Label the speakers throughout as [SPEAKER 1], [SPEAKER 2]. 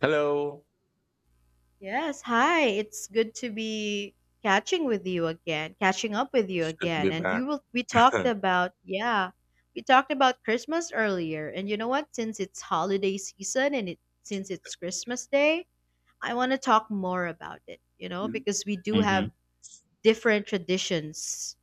[SPEAKER 1] Hello.
[SPEAKER 2] Yes, hi. It's good to be catching up with you
[SPEAKER 1] It's good to
[SPEAKER 2] again.
[SPEAKER 1] be
[SPEAKER 2] And
[SPEAKER 1] back.
[SPEAKER 2] we will we talked about, yeah, we talked about Christmas earlier. And you know what? Since it's holiday season and it since it's Christmas Day, I want to talk more about it, you know,
[SPEAKER 1] hmm
[SPEAKER 2] because we do have different traditions.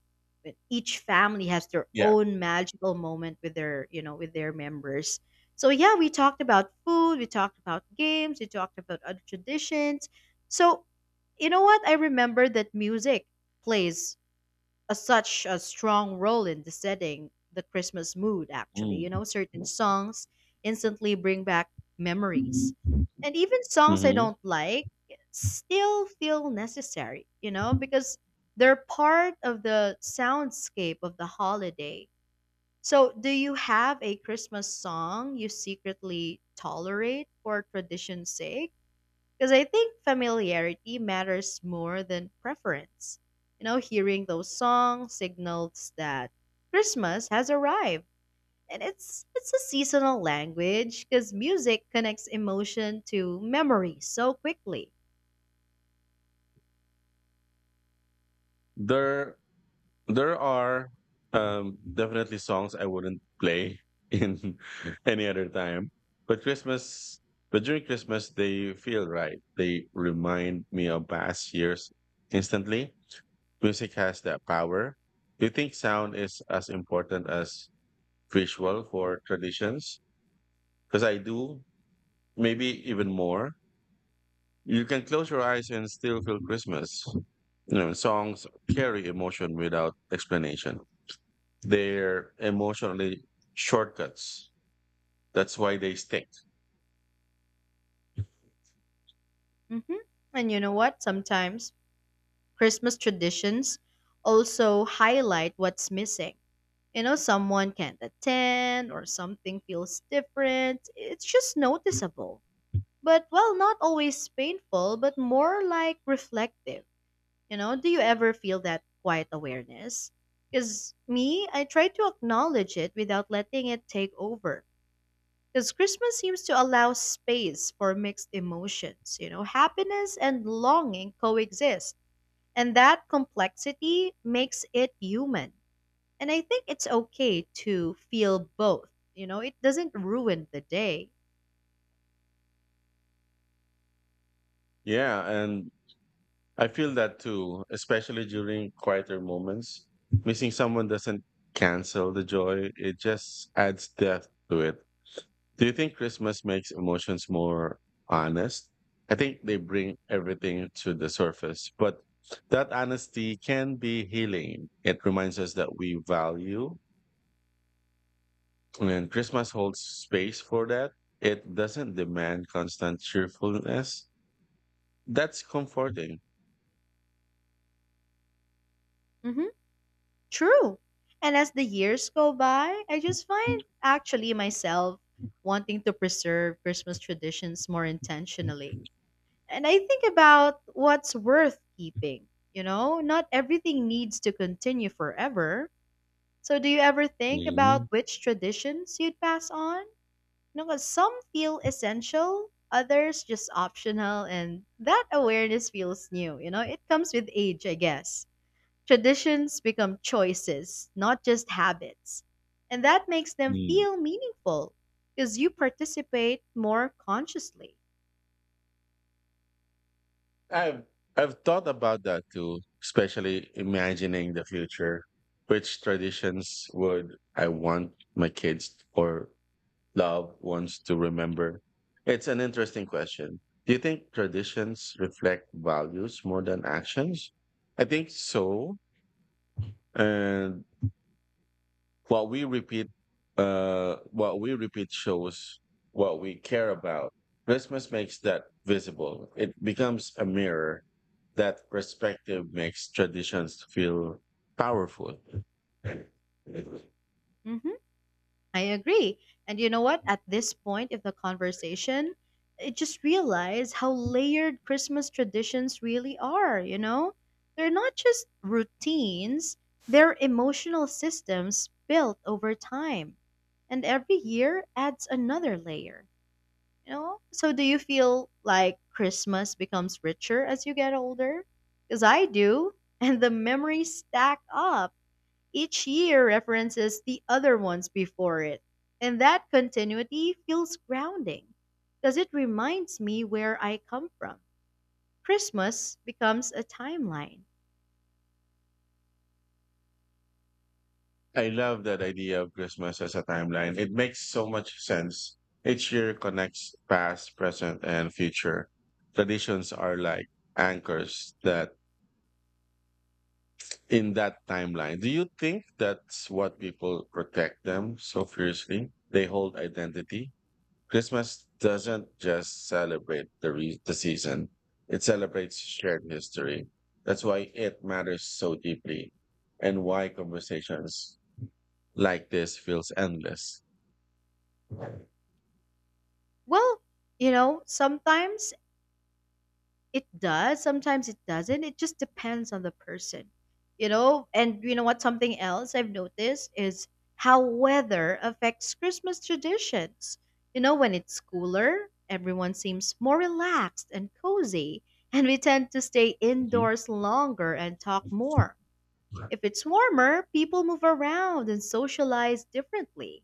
[SPEAKER 2] Each family has their
[SPEAKER 1] Yeah.
[SPEAKER 2] own magical moment with with their members. So yeah, we talked about food, we talked about games, we talked about other traditions. So you know what? I remember that music plays a such a strong role in the setting the Christmas mood actually. You
[SPEAKER 1] Mm.
[SPEAKER 2] know, certain songs instantly bring back memories.
[SPEAKER 1] hmm
[SPEAKER 2] And even songs I don't like still feel necessary, you know, because they're part of the soundscape of the holiday. So, do you have a Christmas song you secretly tolerate for tradition's sake? Because I think familiarity matters more than preference. You know, hearing those songs signals that Christmas has arrived. And it's a seasonal language because music connects emotion to memory so quickly.
[SPEAKER 1] There, there are definitely songs I wouldn't play in any other time. But Christmas, but during Christmas, they feel right. They remind me of past years instantly. Music has that power. Do you think sound is as important as visual for traditions? Because I do, maybe even more. You can close your eyes and still feel Christmas. You know, songs carry emotion without explanation. They're emotionally shortcuts. That's why they stick.
[SPEAKER 2] hmm And you know what? Sometimes Christmas traditions also highlight what's missing. You know, someone can't attend or something feels different. It's just noticeable, but not always painful, but more like reflective. You know, do you ever feel that quiet awareness? Because me, I try to acknowledge it without letting it take over. Because Christmas seems to allow space for mixed emotions. You know, happiness and longing coexist. And that complexity makes it human. And I think it's okay to feel both. You know, it doesn't ruin the day.
[SPEAKER 1] Yeah, and I feel that too, especially during quieter moments. Missing someone doesn't cancel the joy, it just adds depth to it. Do you think Christmas makes emotions more honest? I think they bring everything to the surface, but that honesty can be healing. It reminds us that we value, and Christmas holds space for that. It doesn't demand constant cheerfulness. That's comforting.
[SPEAKER 2] hmm True. And as the years go by, I just find actually myself wanting to preserve Christmas traditions more intentionally. And I think about what's worth keeping. You know, not everything needs to continue forever. So, do you ever think
[SPEAKER 1] Mm,
[SPEAKER 2] about which traditions you'd pass on? You Because some feel essential, others just optional, and that awareness feels new. You know, it comes with age, I guess. Traditions become choices, not just habits. And that makes them
[SPEAKER 1] mm.
[SPEAKER 2] feel meaningful because you participate more consciously.
[SPEAKER 1] I've I've thought about that too, especially imagining the future. Which traditions would I want my kids or love wants to remember? It's an interesting question. Do you think traditions reflect values more than actions? I think so. And what we repeat, what we repeat shows what we care about. Christmas makes that visible. It becomes a mirror. That perspective makes traditions feel powerful.
[SPEAKER 2] hmm I agree. And you know what? At this point of the conversation, I just realize how layered Christmas traditions really are, you know? They're not just routines, they're emotional systems built over time. And every year adds another layer. You know? So do you feel like Christmas becomes richer as you get older? Because I do, and the memories stack up. Each year references the other ones before it. And that continuity feels grounding because it reminds me where I come from. Christmas becomes a timeline.
[SPEAKER 1] I love that idea of Christmas as a timeline. It makes so much sense. Each year connects past, present, and future. Traditions are like anchors that in that timeline. Do you think that's what people protect them so fiercely? They hold identity. Christmas doesn't just celebrate the season. It celebrates shared history. That's why it matters so deeply, and why conversations like this feels endless. Mhm.
[SPEAKER 2] Well, you know, sometimes it does. Sometimes it doesn't. It just depends on the person, you know? And you know what? Something else I've noticed is how weather affects Christmas traditions. You know, when it's cooler, everyone seems more relaxed and cozy, and we tend to stay indoors longer and talk more. If it's warmer, people move around and socialize differently.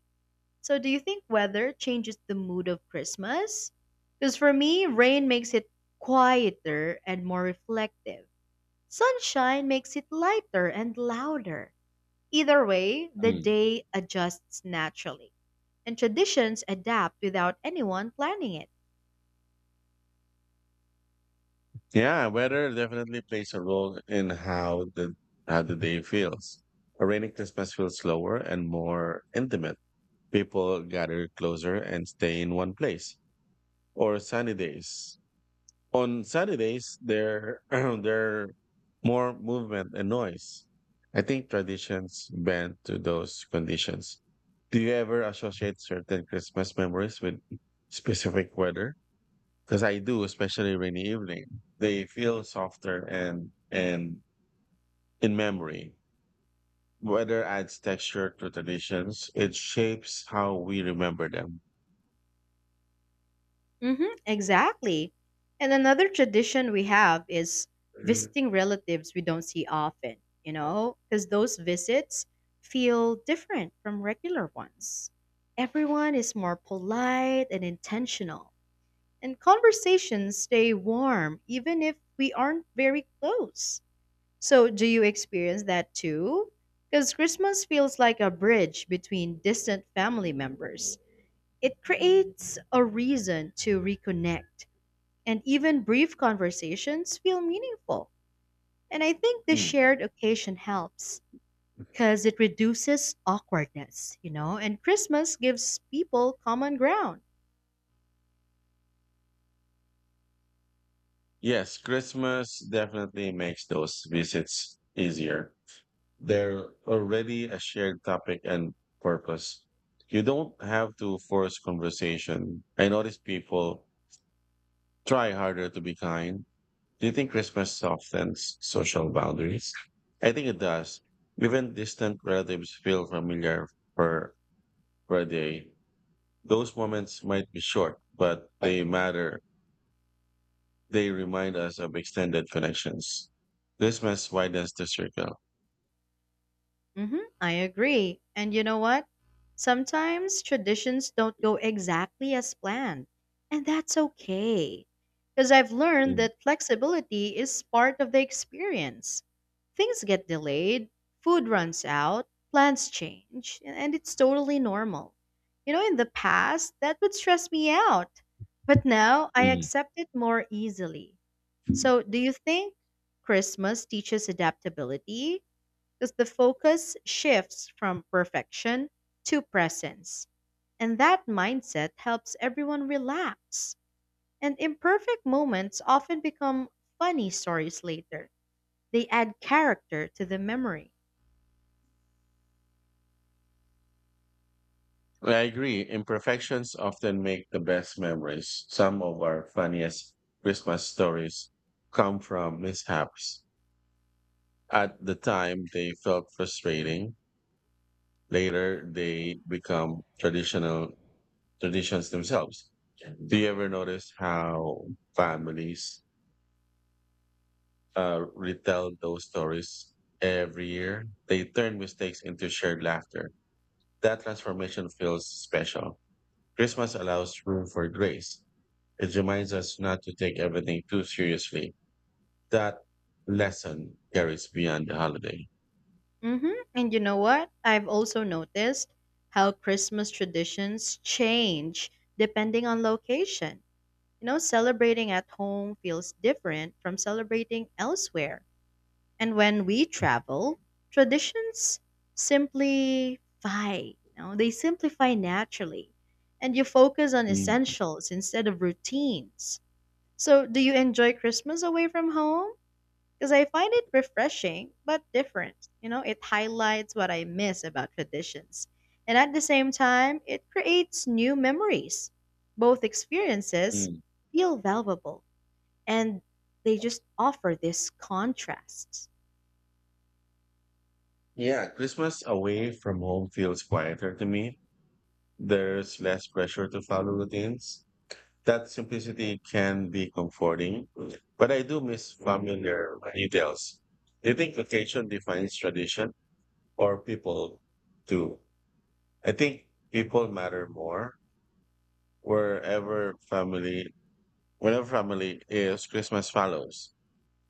[SPEAKER 2] So, do you think weather changes the mood of Christmas? Because for me, rain makes it quieter and more reflective. Sunshine makes it lighter and louder. Either way, the
[SPEAKER 1] Mm.
[SPEAKER 2] day adjusts naturally, and traditions adapt without anyone planning it.
[SPEAKER 1] Yeah, weather definitely plays a role in how the day feels. A rainy Christmas feels slower and more intimate. People gather closer and stay in one place. Or sunny days on Saturdays, there there more movement and noise. I think traditions bend to those conditions. Do you ever associate certain Christmas memories with specific weather? Because I do, especially rainy evening. They feel softer and in memory. Weather adds texture to traditions. It shapes how we remember them.
[SPEAKER 2] Mm-hmm, exactly. And another tradition we have is visiting relatives we don't see often, you know, because those visits feel different from regular ones. Everyone is more polite and intentional, and conversations stay warm even if we aren't very close. So, do you experience that too? Because Christmas feels like a bridge between distant family members. It creates a reason to reconnect and even brief conversations feel meaningful. And I think the
[SPEAKER 1] Mm.
[SPEAKER 2] shared occasion helps because it reduces awkwardness, you know, and Christmas gives people common ground.
[SPEAKER 1] Yes, Christmas definitely makes those visits easier. They're already a shared topic and purpose. You don't have to force conversation. I notice people try harder to be kind. Do you think Christmas softens social boundaries? I think it does. Even distant relatives feel familiar for per day. Those moments might be short, but they matter. They remind us of extended connections. This mess widens the circle.
[SPEAKER 2] I agree. And you know what? Sometimes traditions don't go exactly as planned, and that's okay. Because I've learned
[SPEAKER 1] Mm,
[SPEAKER 2] that flexibility is part of the experience. Things get delayed, food runs out, plans change, and it's totally normal. You know, in the past, that would stress me out, but now I accept it more easily.
[SPEAKER 1] mm.
[SPEAKER 2] So, do you think Christmas teaches adaptability? Because the focus shifts from perfection to presence. And that mindset helps everyone relax. And imperfect moments often become funny stories later. They add character to the memory.
[SPEAKER 1] Well, I agree. Imperfections often make the best memories. Some of our funniest Christmas stories come from mishaps. At the time, they felt frustrating. Later, they become traditional traditions themselves. Do you ever notice how families retell those stories every year? They turn mistakes into shared laughter. That transformation feels special. Christmas allows room for grace. It reminds us not to take everything too seriously. That lesson carries beyond the holiday.
[SPEAKER 2] And you know what? I've also noticed how Christmas traditions change depending on location. You know, celebrating at home feels different from celebrating elsewhere. And when we travel, traditions simplify. You know, they simplify naturally. And you focus on
[SPEAKER 1] Mm,
[SPEAKER 2] essentials instead of routines. So, do you enjoy Christmas away from home? Because I find it refreshing but different. You know, it highlights what I miss about traditions. And at the same time, it creates new memories. Both experiences
[SPEAKER 1] mm.
[SPEAKER 2] feel valuable and they just offer this contrast.
[SPEAKER 1] Yeah, Christmas away from home feels quieter to me. There's less pressure to follow routines. That simplicity can be comforting, but I do miss familiar details. Do you think occasion defines tradition or people do? I think people matter more wherever family, whenever family is, Christmas follows.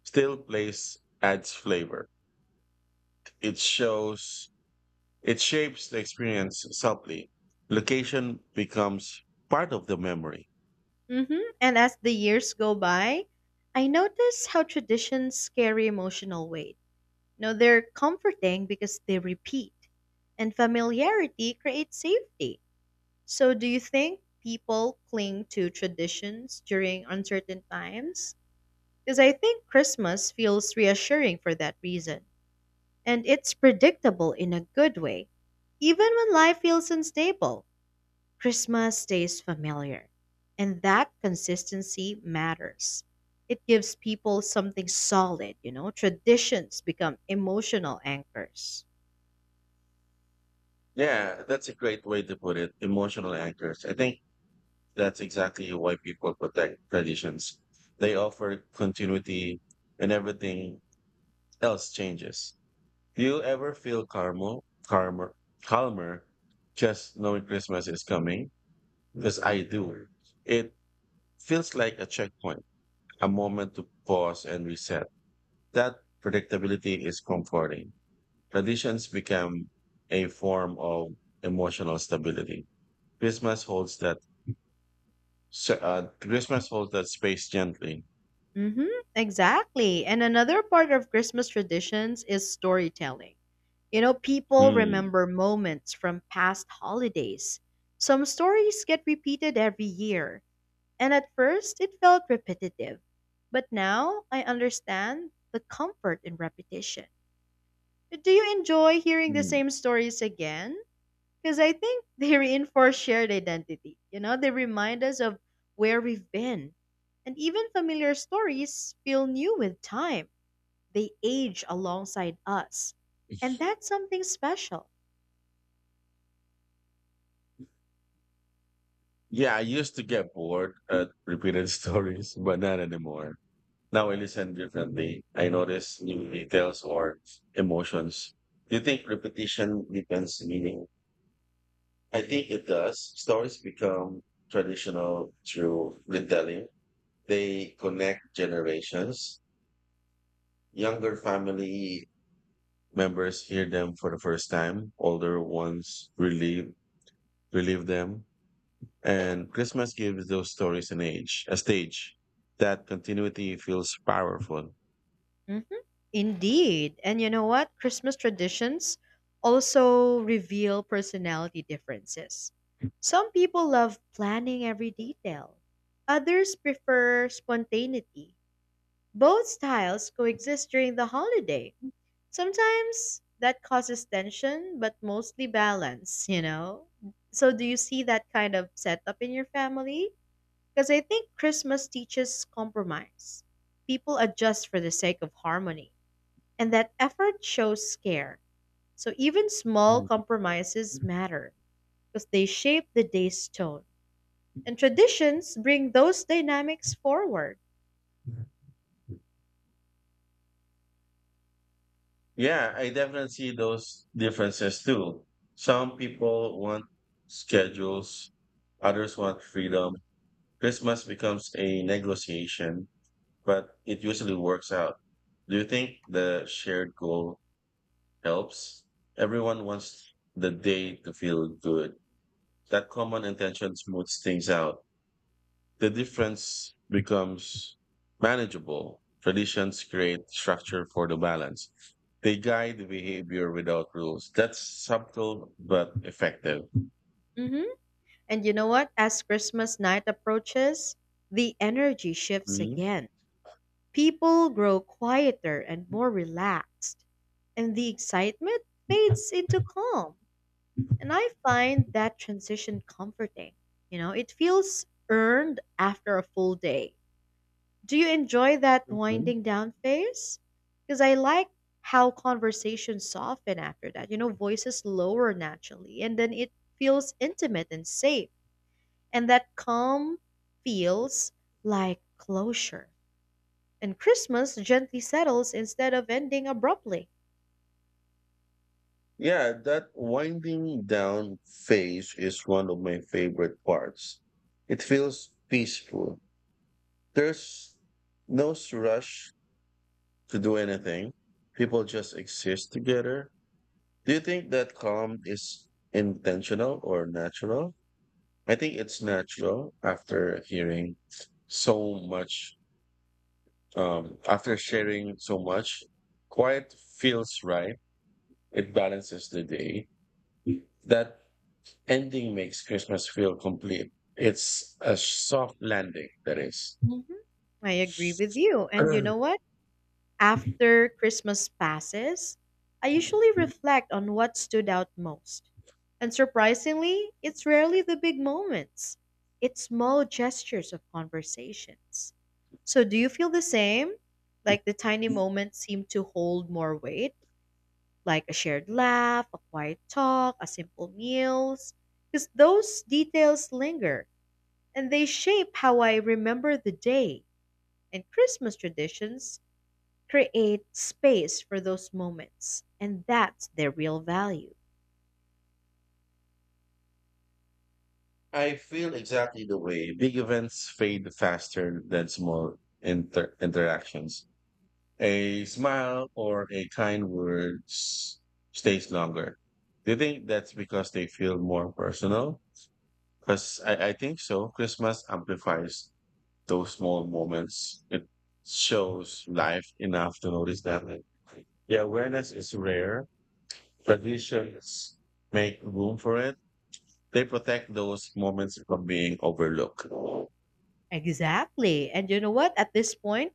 [SPEAKER 1] Still place adds flavor. It shows, it shapes the experience subtly. Location becomes part of the memory.
[SPEAKER 2] hmm And as the years go by, I notice how traditions carry emotional weight. No, they're comforting because they repeat, and familiarity creates safety. So, do you think people cling to traditions during uncertain times? Because I think Christmas feels reassuring for that reason, and it's predictable in a good way, even when life feels unstable. Christmas stays familiar, and that consistency matters. It gives people something solid, you know. Traditions become emotional anchors.
[SPEAKER 1] Yeah, that's a great way to put it. Emotional anchors. I think that's exactly why people protect traditions. They offer continuity and everything else changes. Do you ever feel calmer, calmer just knowing Christmas is coming? Because I do. It feels like a checkpoint, a moment to pause and reset. That predictability is comforting. Traditions become a form of emotional stability. Christmas holds that. Christmas holds that space gently.
[SPEAKER 2] Mhm, exactly. And another part of Christmas traditions is storytelling. You know, people
[SPEAKER 1] Hmm.
[SPEAKER 2] remember moments from past holidays. Some stories get repeated every year, and at first it felt repetitive. But now I understand the comfort in repetition. Do you enjoy hearing the
[SPEAKER 1] Hmm.
[SPEAKER 2] same stories again? Because I think they reinforce shared identity. You know, they remind us of where we've been. And even familiar stories feel new with time, they age alongside us. And that's something special.
[SPEAKER 1] Yeah, I used to get bored at repeated stories, but not anymore. Now I listen differently. I notice new details or emotions. Do you think repetition deepens meaning? I think it does. Stories become traditional through retelling. They connect generations. Younger family members hear them for the first time. Older ones relive them. And Christmas gives those stories a stage. That continuity feels powerful.
[SPEAKER 2] hmm Indeed. And you know what? Christmas traditions also reveal personality differences. Some people love planning every detail, others prefer spontaneity. Both styles coexist during the holiday. Sometimes that causes tension, but mostly balance, you know? So, do you see that kind of setup in your family? Because I think Christmas teaches compromise. People adjust for the sake of harmony, and that effort shows care. So even small
[SPEAKER 1] Mm.
[SPEAKER 2] compromises matter because they shape the day's tone. And traditions bring those dynamics forward.
[SPEAKER 1] Yeah, I definitely see those differences too. Some people want schedules, others want freedom. Christmas becomes a negotiation, but it usually works out. Do you think the shared goal helps? Everyone wants the day to feel good. That common intention smooths things out. The difference becomes manageable. Traditions create structure for the balance. They guide the behavior without rules. That's subtle but effective.
[SPEAKER 2] hmm And you know what? As Christmas night approaches, the energy shifts
[SPEAKER 1] Mhm.
[SPEAKER 2] again. People grow quieter and more relaxed, and the excitement fades into calm. And I find that transition comforting. You know, it feels earned after a full day. Do you enjoy that
[SPEAKER 1] Mhm.
[SPEAKER 2] winding down phase? Because I like how conversations soften after that. You know, voices lower naturally, and then it feels intimate and safe. And that calm feels like closure. And Christmas gently settles instead of ending abruptly.
[SPEAKER 1] Yeah, that winding down phase is one of my favorite parts. It feels peaceful. There's no rush to do anything. People just exist together. Do you think that calm is intentional or natural? I think it's natural after so much, after sharing so much. Quiet feels right. It balances the day. That ending makes Christmas feel complete. It's a soft landing, that is.
[SPEAKER 2] hmm I agree with you. And you know what? After Christmas passes, I usually reflect on what stood out most. And surprisingly, it's rarely the big moments, it's small gestures of conversations. So, do you feel the same? Like the tiny moments seem to hold more weight, like a shared laugh, a quiet talk, a simple meals? Because those details linger and they shape how I remember the day. And Christmas traditions create space for those moments. And that's their real value.
[SPEAKER 1] I feel exactly the way. Big events fade faster than small interactions. A smile or a kind word stays longer. Do you think that's because they feel more personal? Because I think so. Christmas amplifies those small moments. It shows life enough to notice that. The awareness is rare. Traditions make room for it. They protect those moments from being overlooked.
[SPEAKER 2] Exactly. And you know what? At this point,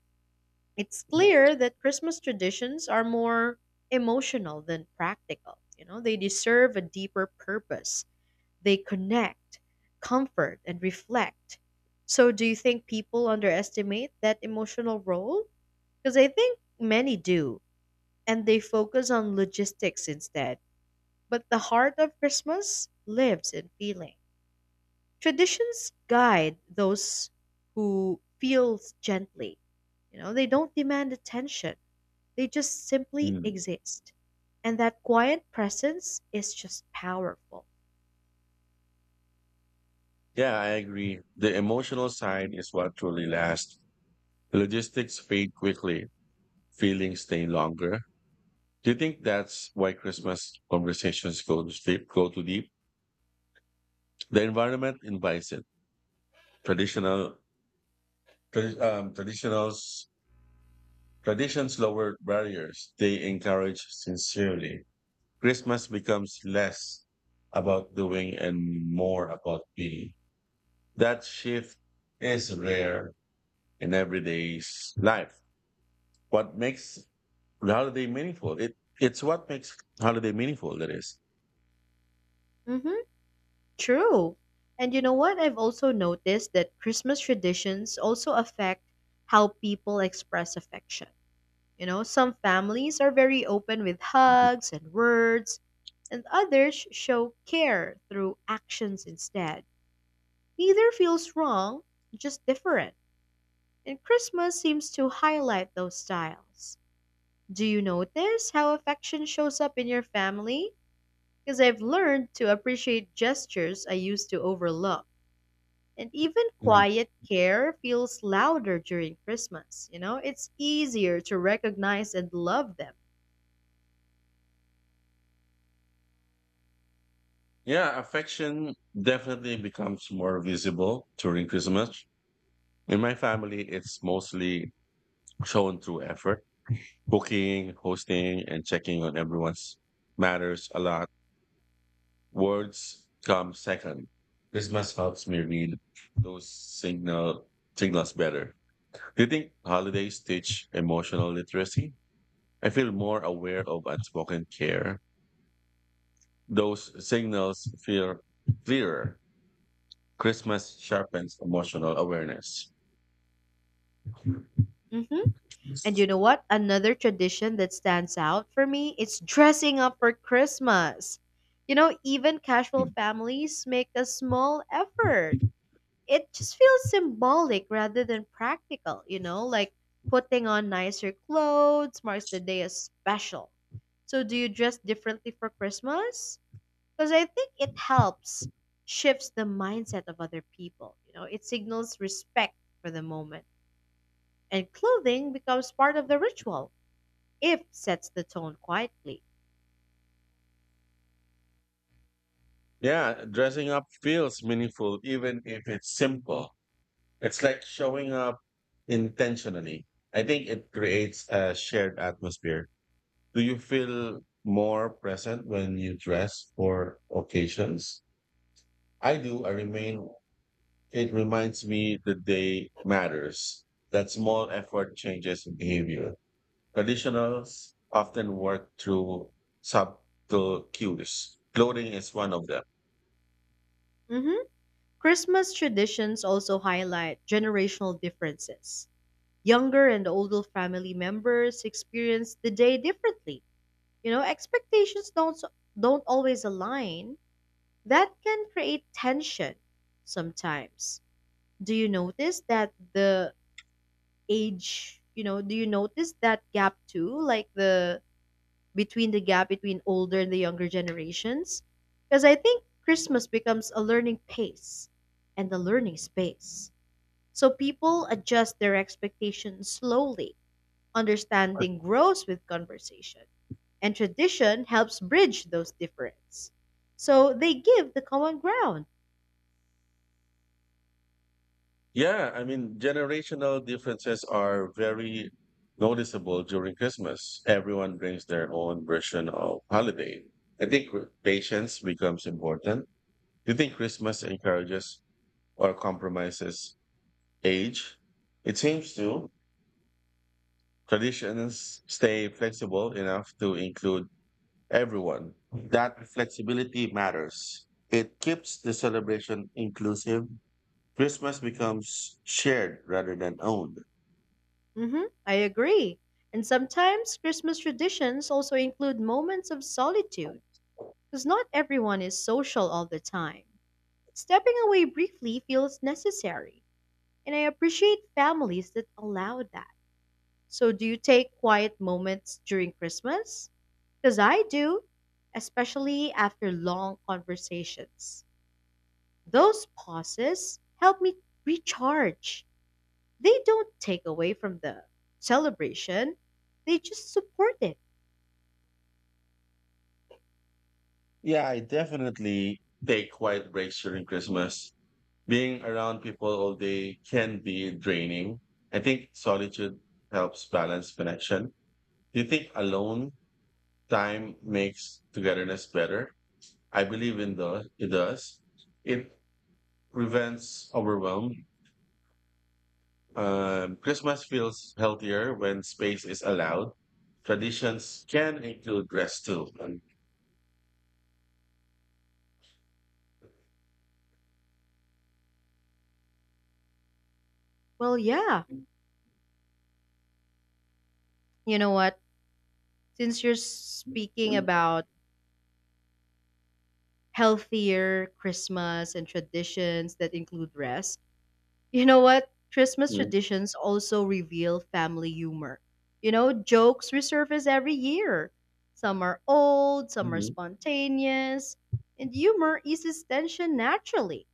[SPEAKER 2] it's clear that Christmas traditions are more emotional than practical. You know, they deserve a deeper purpose.
[SPEAKER 1] Yeah.
[SPEAKER 2] They connect, comfort, and reflect. So, do you think people underestimate that emotional role? Because I think many do, and they focus on logistics instead. But the heart of Christmas lives in feeling. Traditions guide those who feel gently. You know, they don't demand attention. They just simply
[SPEAKER 1] Mm.
[SPEAKER 2] exist. And that quiet presence is just powerful.
[SPEAKER 1] Yeah, I agree. The emotional side is what truly lasts. Logistics fade quickly, feelings stay longer. Do you think that's why Christmas conversations go too deep? The environment invites it. Traditional, tra- traditionals Traditions lower barriers, they encourage sincerely. Christmas becomes less about doing and more about being. That shift is rare in everyday's life. What makes the holiday meaningful? It it's what makes holiday meaningful, that is.
[SPEAKER 2] Mm-hmm, true. And you know what? I've also noticed that Christmas traditions also affect how people express affection. You know, some families are very open with
[SPEAKER 1] Mhm.
[SPEAKER 2] hugs and words, and others show care through actions instead. Neither feels wrong, just different. And Christmas seems to highlight those styles. Do you notice how affection shows up in your family? Because I've learned to appreciate gestures I used to overlook. And even
[SPEAKER 1] Mhm.
[SPEAKER 2] quiet care feels louder during Christmas. You know, it's easier to recognize and love them.
[SPEAKER 1] Yeah, affection definitely becomes more visible during Christmas. In my family, it's mostly shown through effort booking, hosting, and checking on everyone's matters a lot. Words come second. Christmas helps me read those signals better. Do you think holidays teach emotional literacy? I feel more aware of unspoken care. Those signals feel clearer. Christmas sharpens emotional awareness. Hmm.
[SPEAKER 2] hmm And you know what? Another tradition that stands out for me is dressing up for Christmas. You know, even casual families make a small effort. It just feels symbolic rather than practical, you know, like putting on nicer clothes marks the day as special. So, do you dress differently for Christmas? Because I think it helps shifts the mindset of other people. You know, it signals respect for the moment, and clothing becomes part of the ritual if sets the tone quietly.
[SPEAKER 1] Yeah, dressing up feels meaningful even if it's simple. It's like showing up intentionally. I think it creates a shared atmosphere. Do you feel more present when you dress for occasions? I do. I remain It reminds me the day matters, that small effort changes behavior. Traditionals often work through subtle cues. Clothing is one of them.
[SPEAKER 2] hmm Christmas traditions also highlight generational differences. Younger and older family members experience the day differently. You know, expectations don't always align. That can create tension sometimes. Do you notice that the age, you know, do you notice that gap too? Like the between the gap between older and the younger generations? Because I think Christmas becomes a learning space. So people adjust their expectations slowly. Understanding grows with conversation, and tradition helps bridge those differences. So they give the common ground.
[SPEAKER 1] Yeah, I mean, generational differences are very noticeable during Christmas. Everyone brings their own version of holiday. I think patience becomes important. Do you think Christmas encourages or compromises age? It seems to. Traditions stay flexible enough to include everyone. That flexibility matters. It keeps the celebration inclusive. Christmas becomes shared rather than owned.
[SPEAKER 2] I agree. And sometimes Christmas traditions also include moments of solitude because not everyone is social all the time. Stepping away briefly feels necessary, and I appreciate families that allow that. So, do you take quiet moments during Christmas? Because I do, especially after long conversations. Those pauses help me recharge. They don't take away from the celebration, they just support it.
[SPEAKER 1] Yeah, I definitely take quiet breaks during Christmas. Being around people all day can be draining. I think solitude helps balance connection. Do you think alone time makes togetherness better? I believe in the it does. It prevents overwhelm. Christmas feels healthier when space is allowed. Traditions can include rest too.
[SPEAKER 2] Well, yeah. You know what? Since you're speaking about healthier Christmas and traditions that include rest, you know what? Christmas
[SPEAKER 1] Mhm.
[SPEAKER 2] traditions also reveal family humor. You know, jokes resurface every year. Some are old, some are spontaneous, and humor eases tension naturally.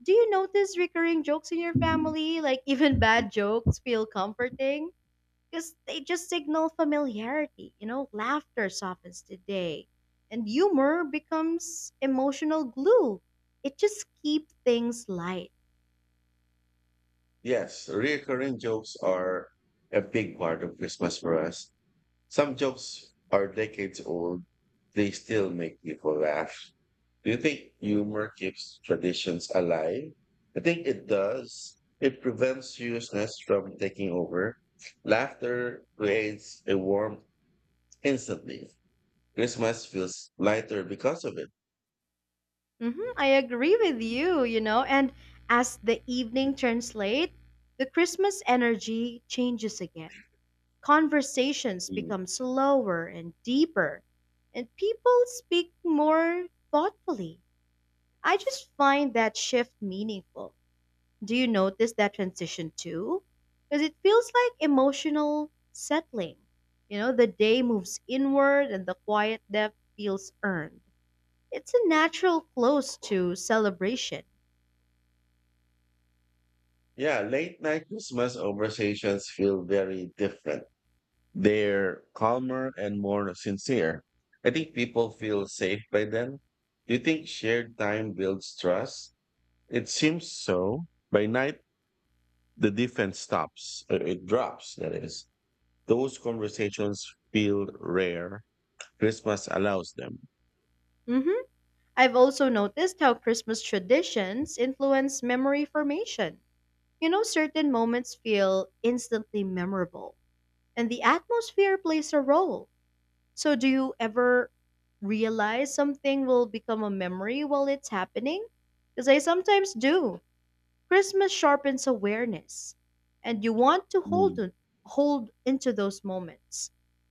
[SPEAKER 2] Do you notice recurring jokes in your
[SPEAKER 1] Mhm.
[SPEAKER 2] family? Like, even bad jokes feel comforting? Because they just signal familiarity. You know, laughter softens the day, and humor becomes emotional glue. It just keeps things light.
[SPEAKER 1] Yes, recurring jokes are a big part of Christmas for us. Some jokes are decades old, they still make people laugh. Do you think humor keeps traditions alive? I think it does. It prevents seriousness from taking over. Laughter creates a warmth instantly. Christmas feels lighter because of it.
[SPEAKER 2] I agree with you, you know, and as the evening turns late, the Christmas energy changes again. Conversations
[SPEAKER 1] Mm.
[SPEAKER 2] become slower and deeper, and people speak more thoughtfully. I just find that shift meaningful. Do you notice that transition too? Because it feels like emotional settling. You know, the day moves inward and the quiet depth feels earned. It's a natural close to celebration.
[SPEAKER 1] Yeah, late night Christmas conversations feel very different. They're calmer and more sincere. I think people feel safe by them. Do you think shared time builds trust? It seems so. By night, the defense stops. It drops, that is. Those conversations feel rare. Christmas allows them.
[SPEAKER 2] hmm I've also noticed how Christmas traditions influence memory formation. You know, certain moments feel instantly memorable, and the atmosphere plays a role. So, do you ever realize something will become a memory while it's happening? Because I sometimes do. Christmas sharpens awareness, and you want to
[SPEAKER 1] Mm.
[SPEAKER 2] hold into those moments.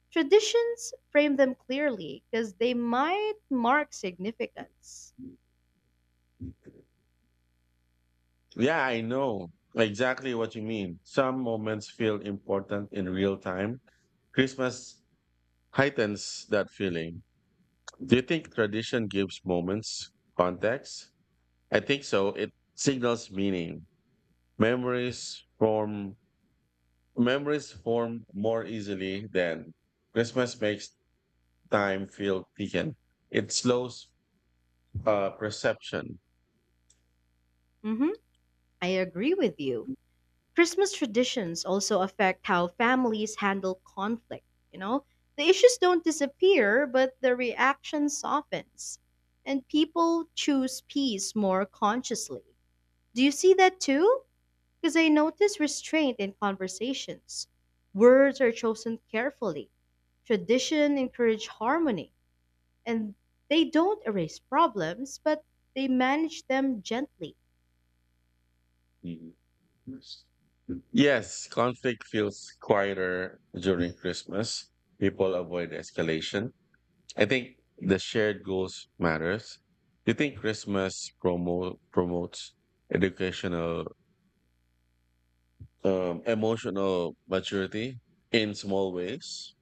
[SPEAKER 2] Traditions frame them clearly because they might mark significance.
[SPEAKER 1] Yeah, I know exactly what you mean. Some moments feel important in real time. Christmas heightens that feeling. Do you think tradition gives moments context? I think so. It signals meaning. Memories form Memories form more easily than Christmas makes time feel taken. It slows perception.
[SPEAKER 2] hmm I agree with you. Christmas traditions also affect how families handle conflict, you know? The issues don't disappear, but the reaction softens. And people choose peace more consciously. Do you see that too? Because I notice restraint in conversations. Words are chosen carefully. Tradition encourage harmony, and they don't erase problems, but they manage them gently.
[SPEAKER 1] Mhm. Yes, conflict feels quieter during Christmas. People avoid escalation. I think the shared goals matters. Do you think Christmas promotes educational emotional maturity in small ways?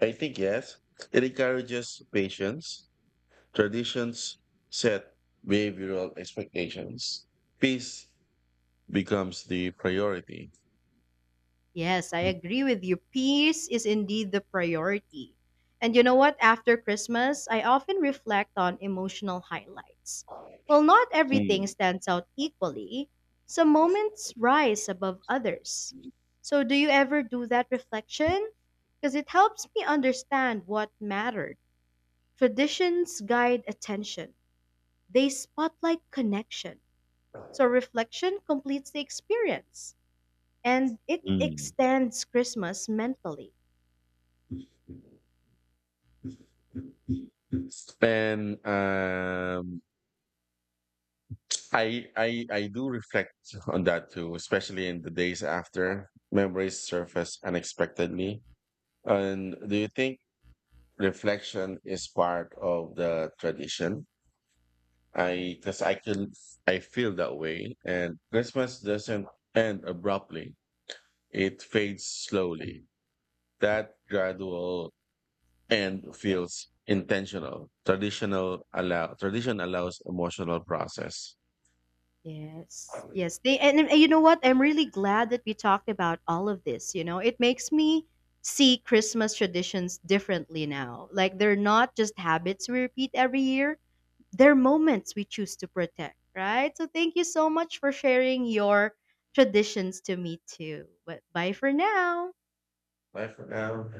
[SPEAKER 1] I think yes. It encourages patience. Traditions set behavioral expectations. Peace becomes the priority.
[SPEAKER 2] Yes, I agree with you. Peace is indeed the priority. And you know what? After Christmas, I often reflect on emotional highlights. While not everything
[SPEAKER 1] Mm,
[SPEAKER 2] stands out equally, some moments rise above others. So, do you ever do that reflection? Because it helps me understand what mattered. Traditions guide attention, they spotlight connection. So, reflection completes the experience and it
[SPEAKER 1] mm.
[SPEAKER 2] extends Christmas mentally.
[SPEAKER 1] And I do reflect on that too, especially in the days after memories surface unexpectedly. And do you think reflection is part of the tradition? I because I can I feel that way, and Christmas doesn't end abruptly. It fades slowly. That gradual end feels intentional. Tradition allows emotional process.
[SPEAKER 2] Yes, yes. They And you know what? I'm really glad that we talked about all of this. You know, it makes me see Christmas traditions differently now. Like they're not just habits we repeat every year; they're moments we choose to protect. Right. So thank you so much for sharing your traditions to me too. But bye for now.
[SPEAKER 1] Bye for now.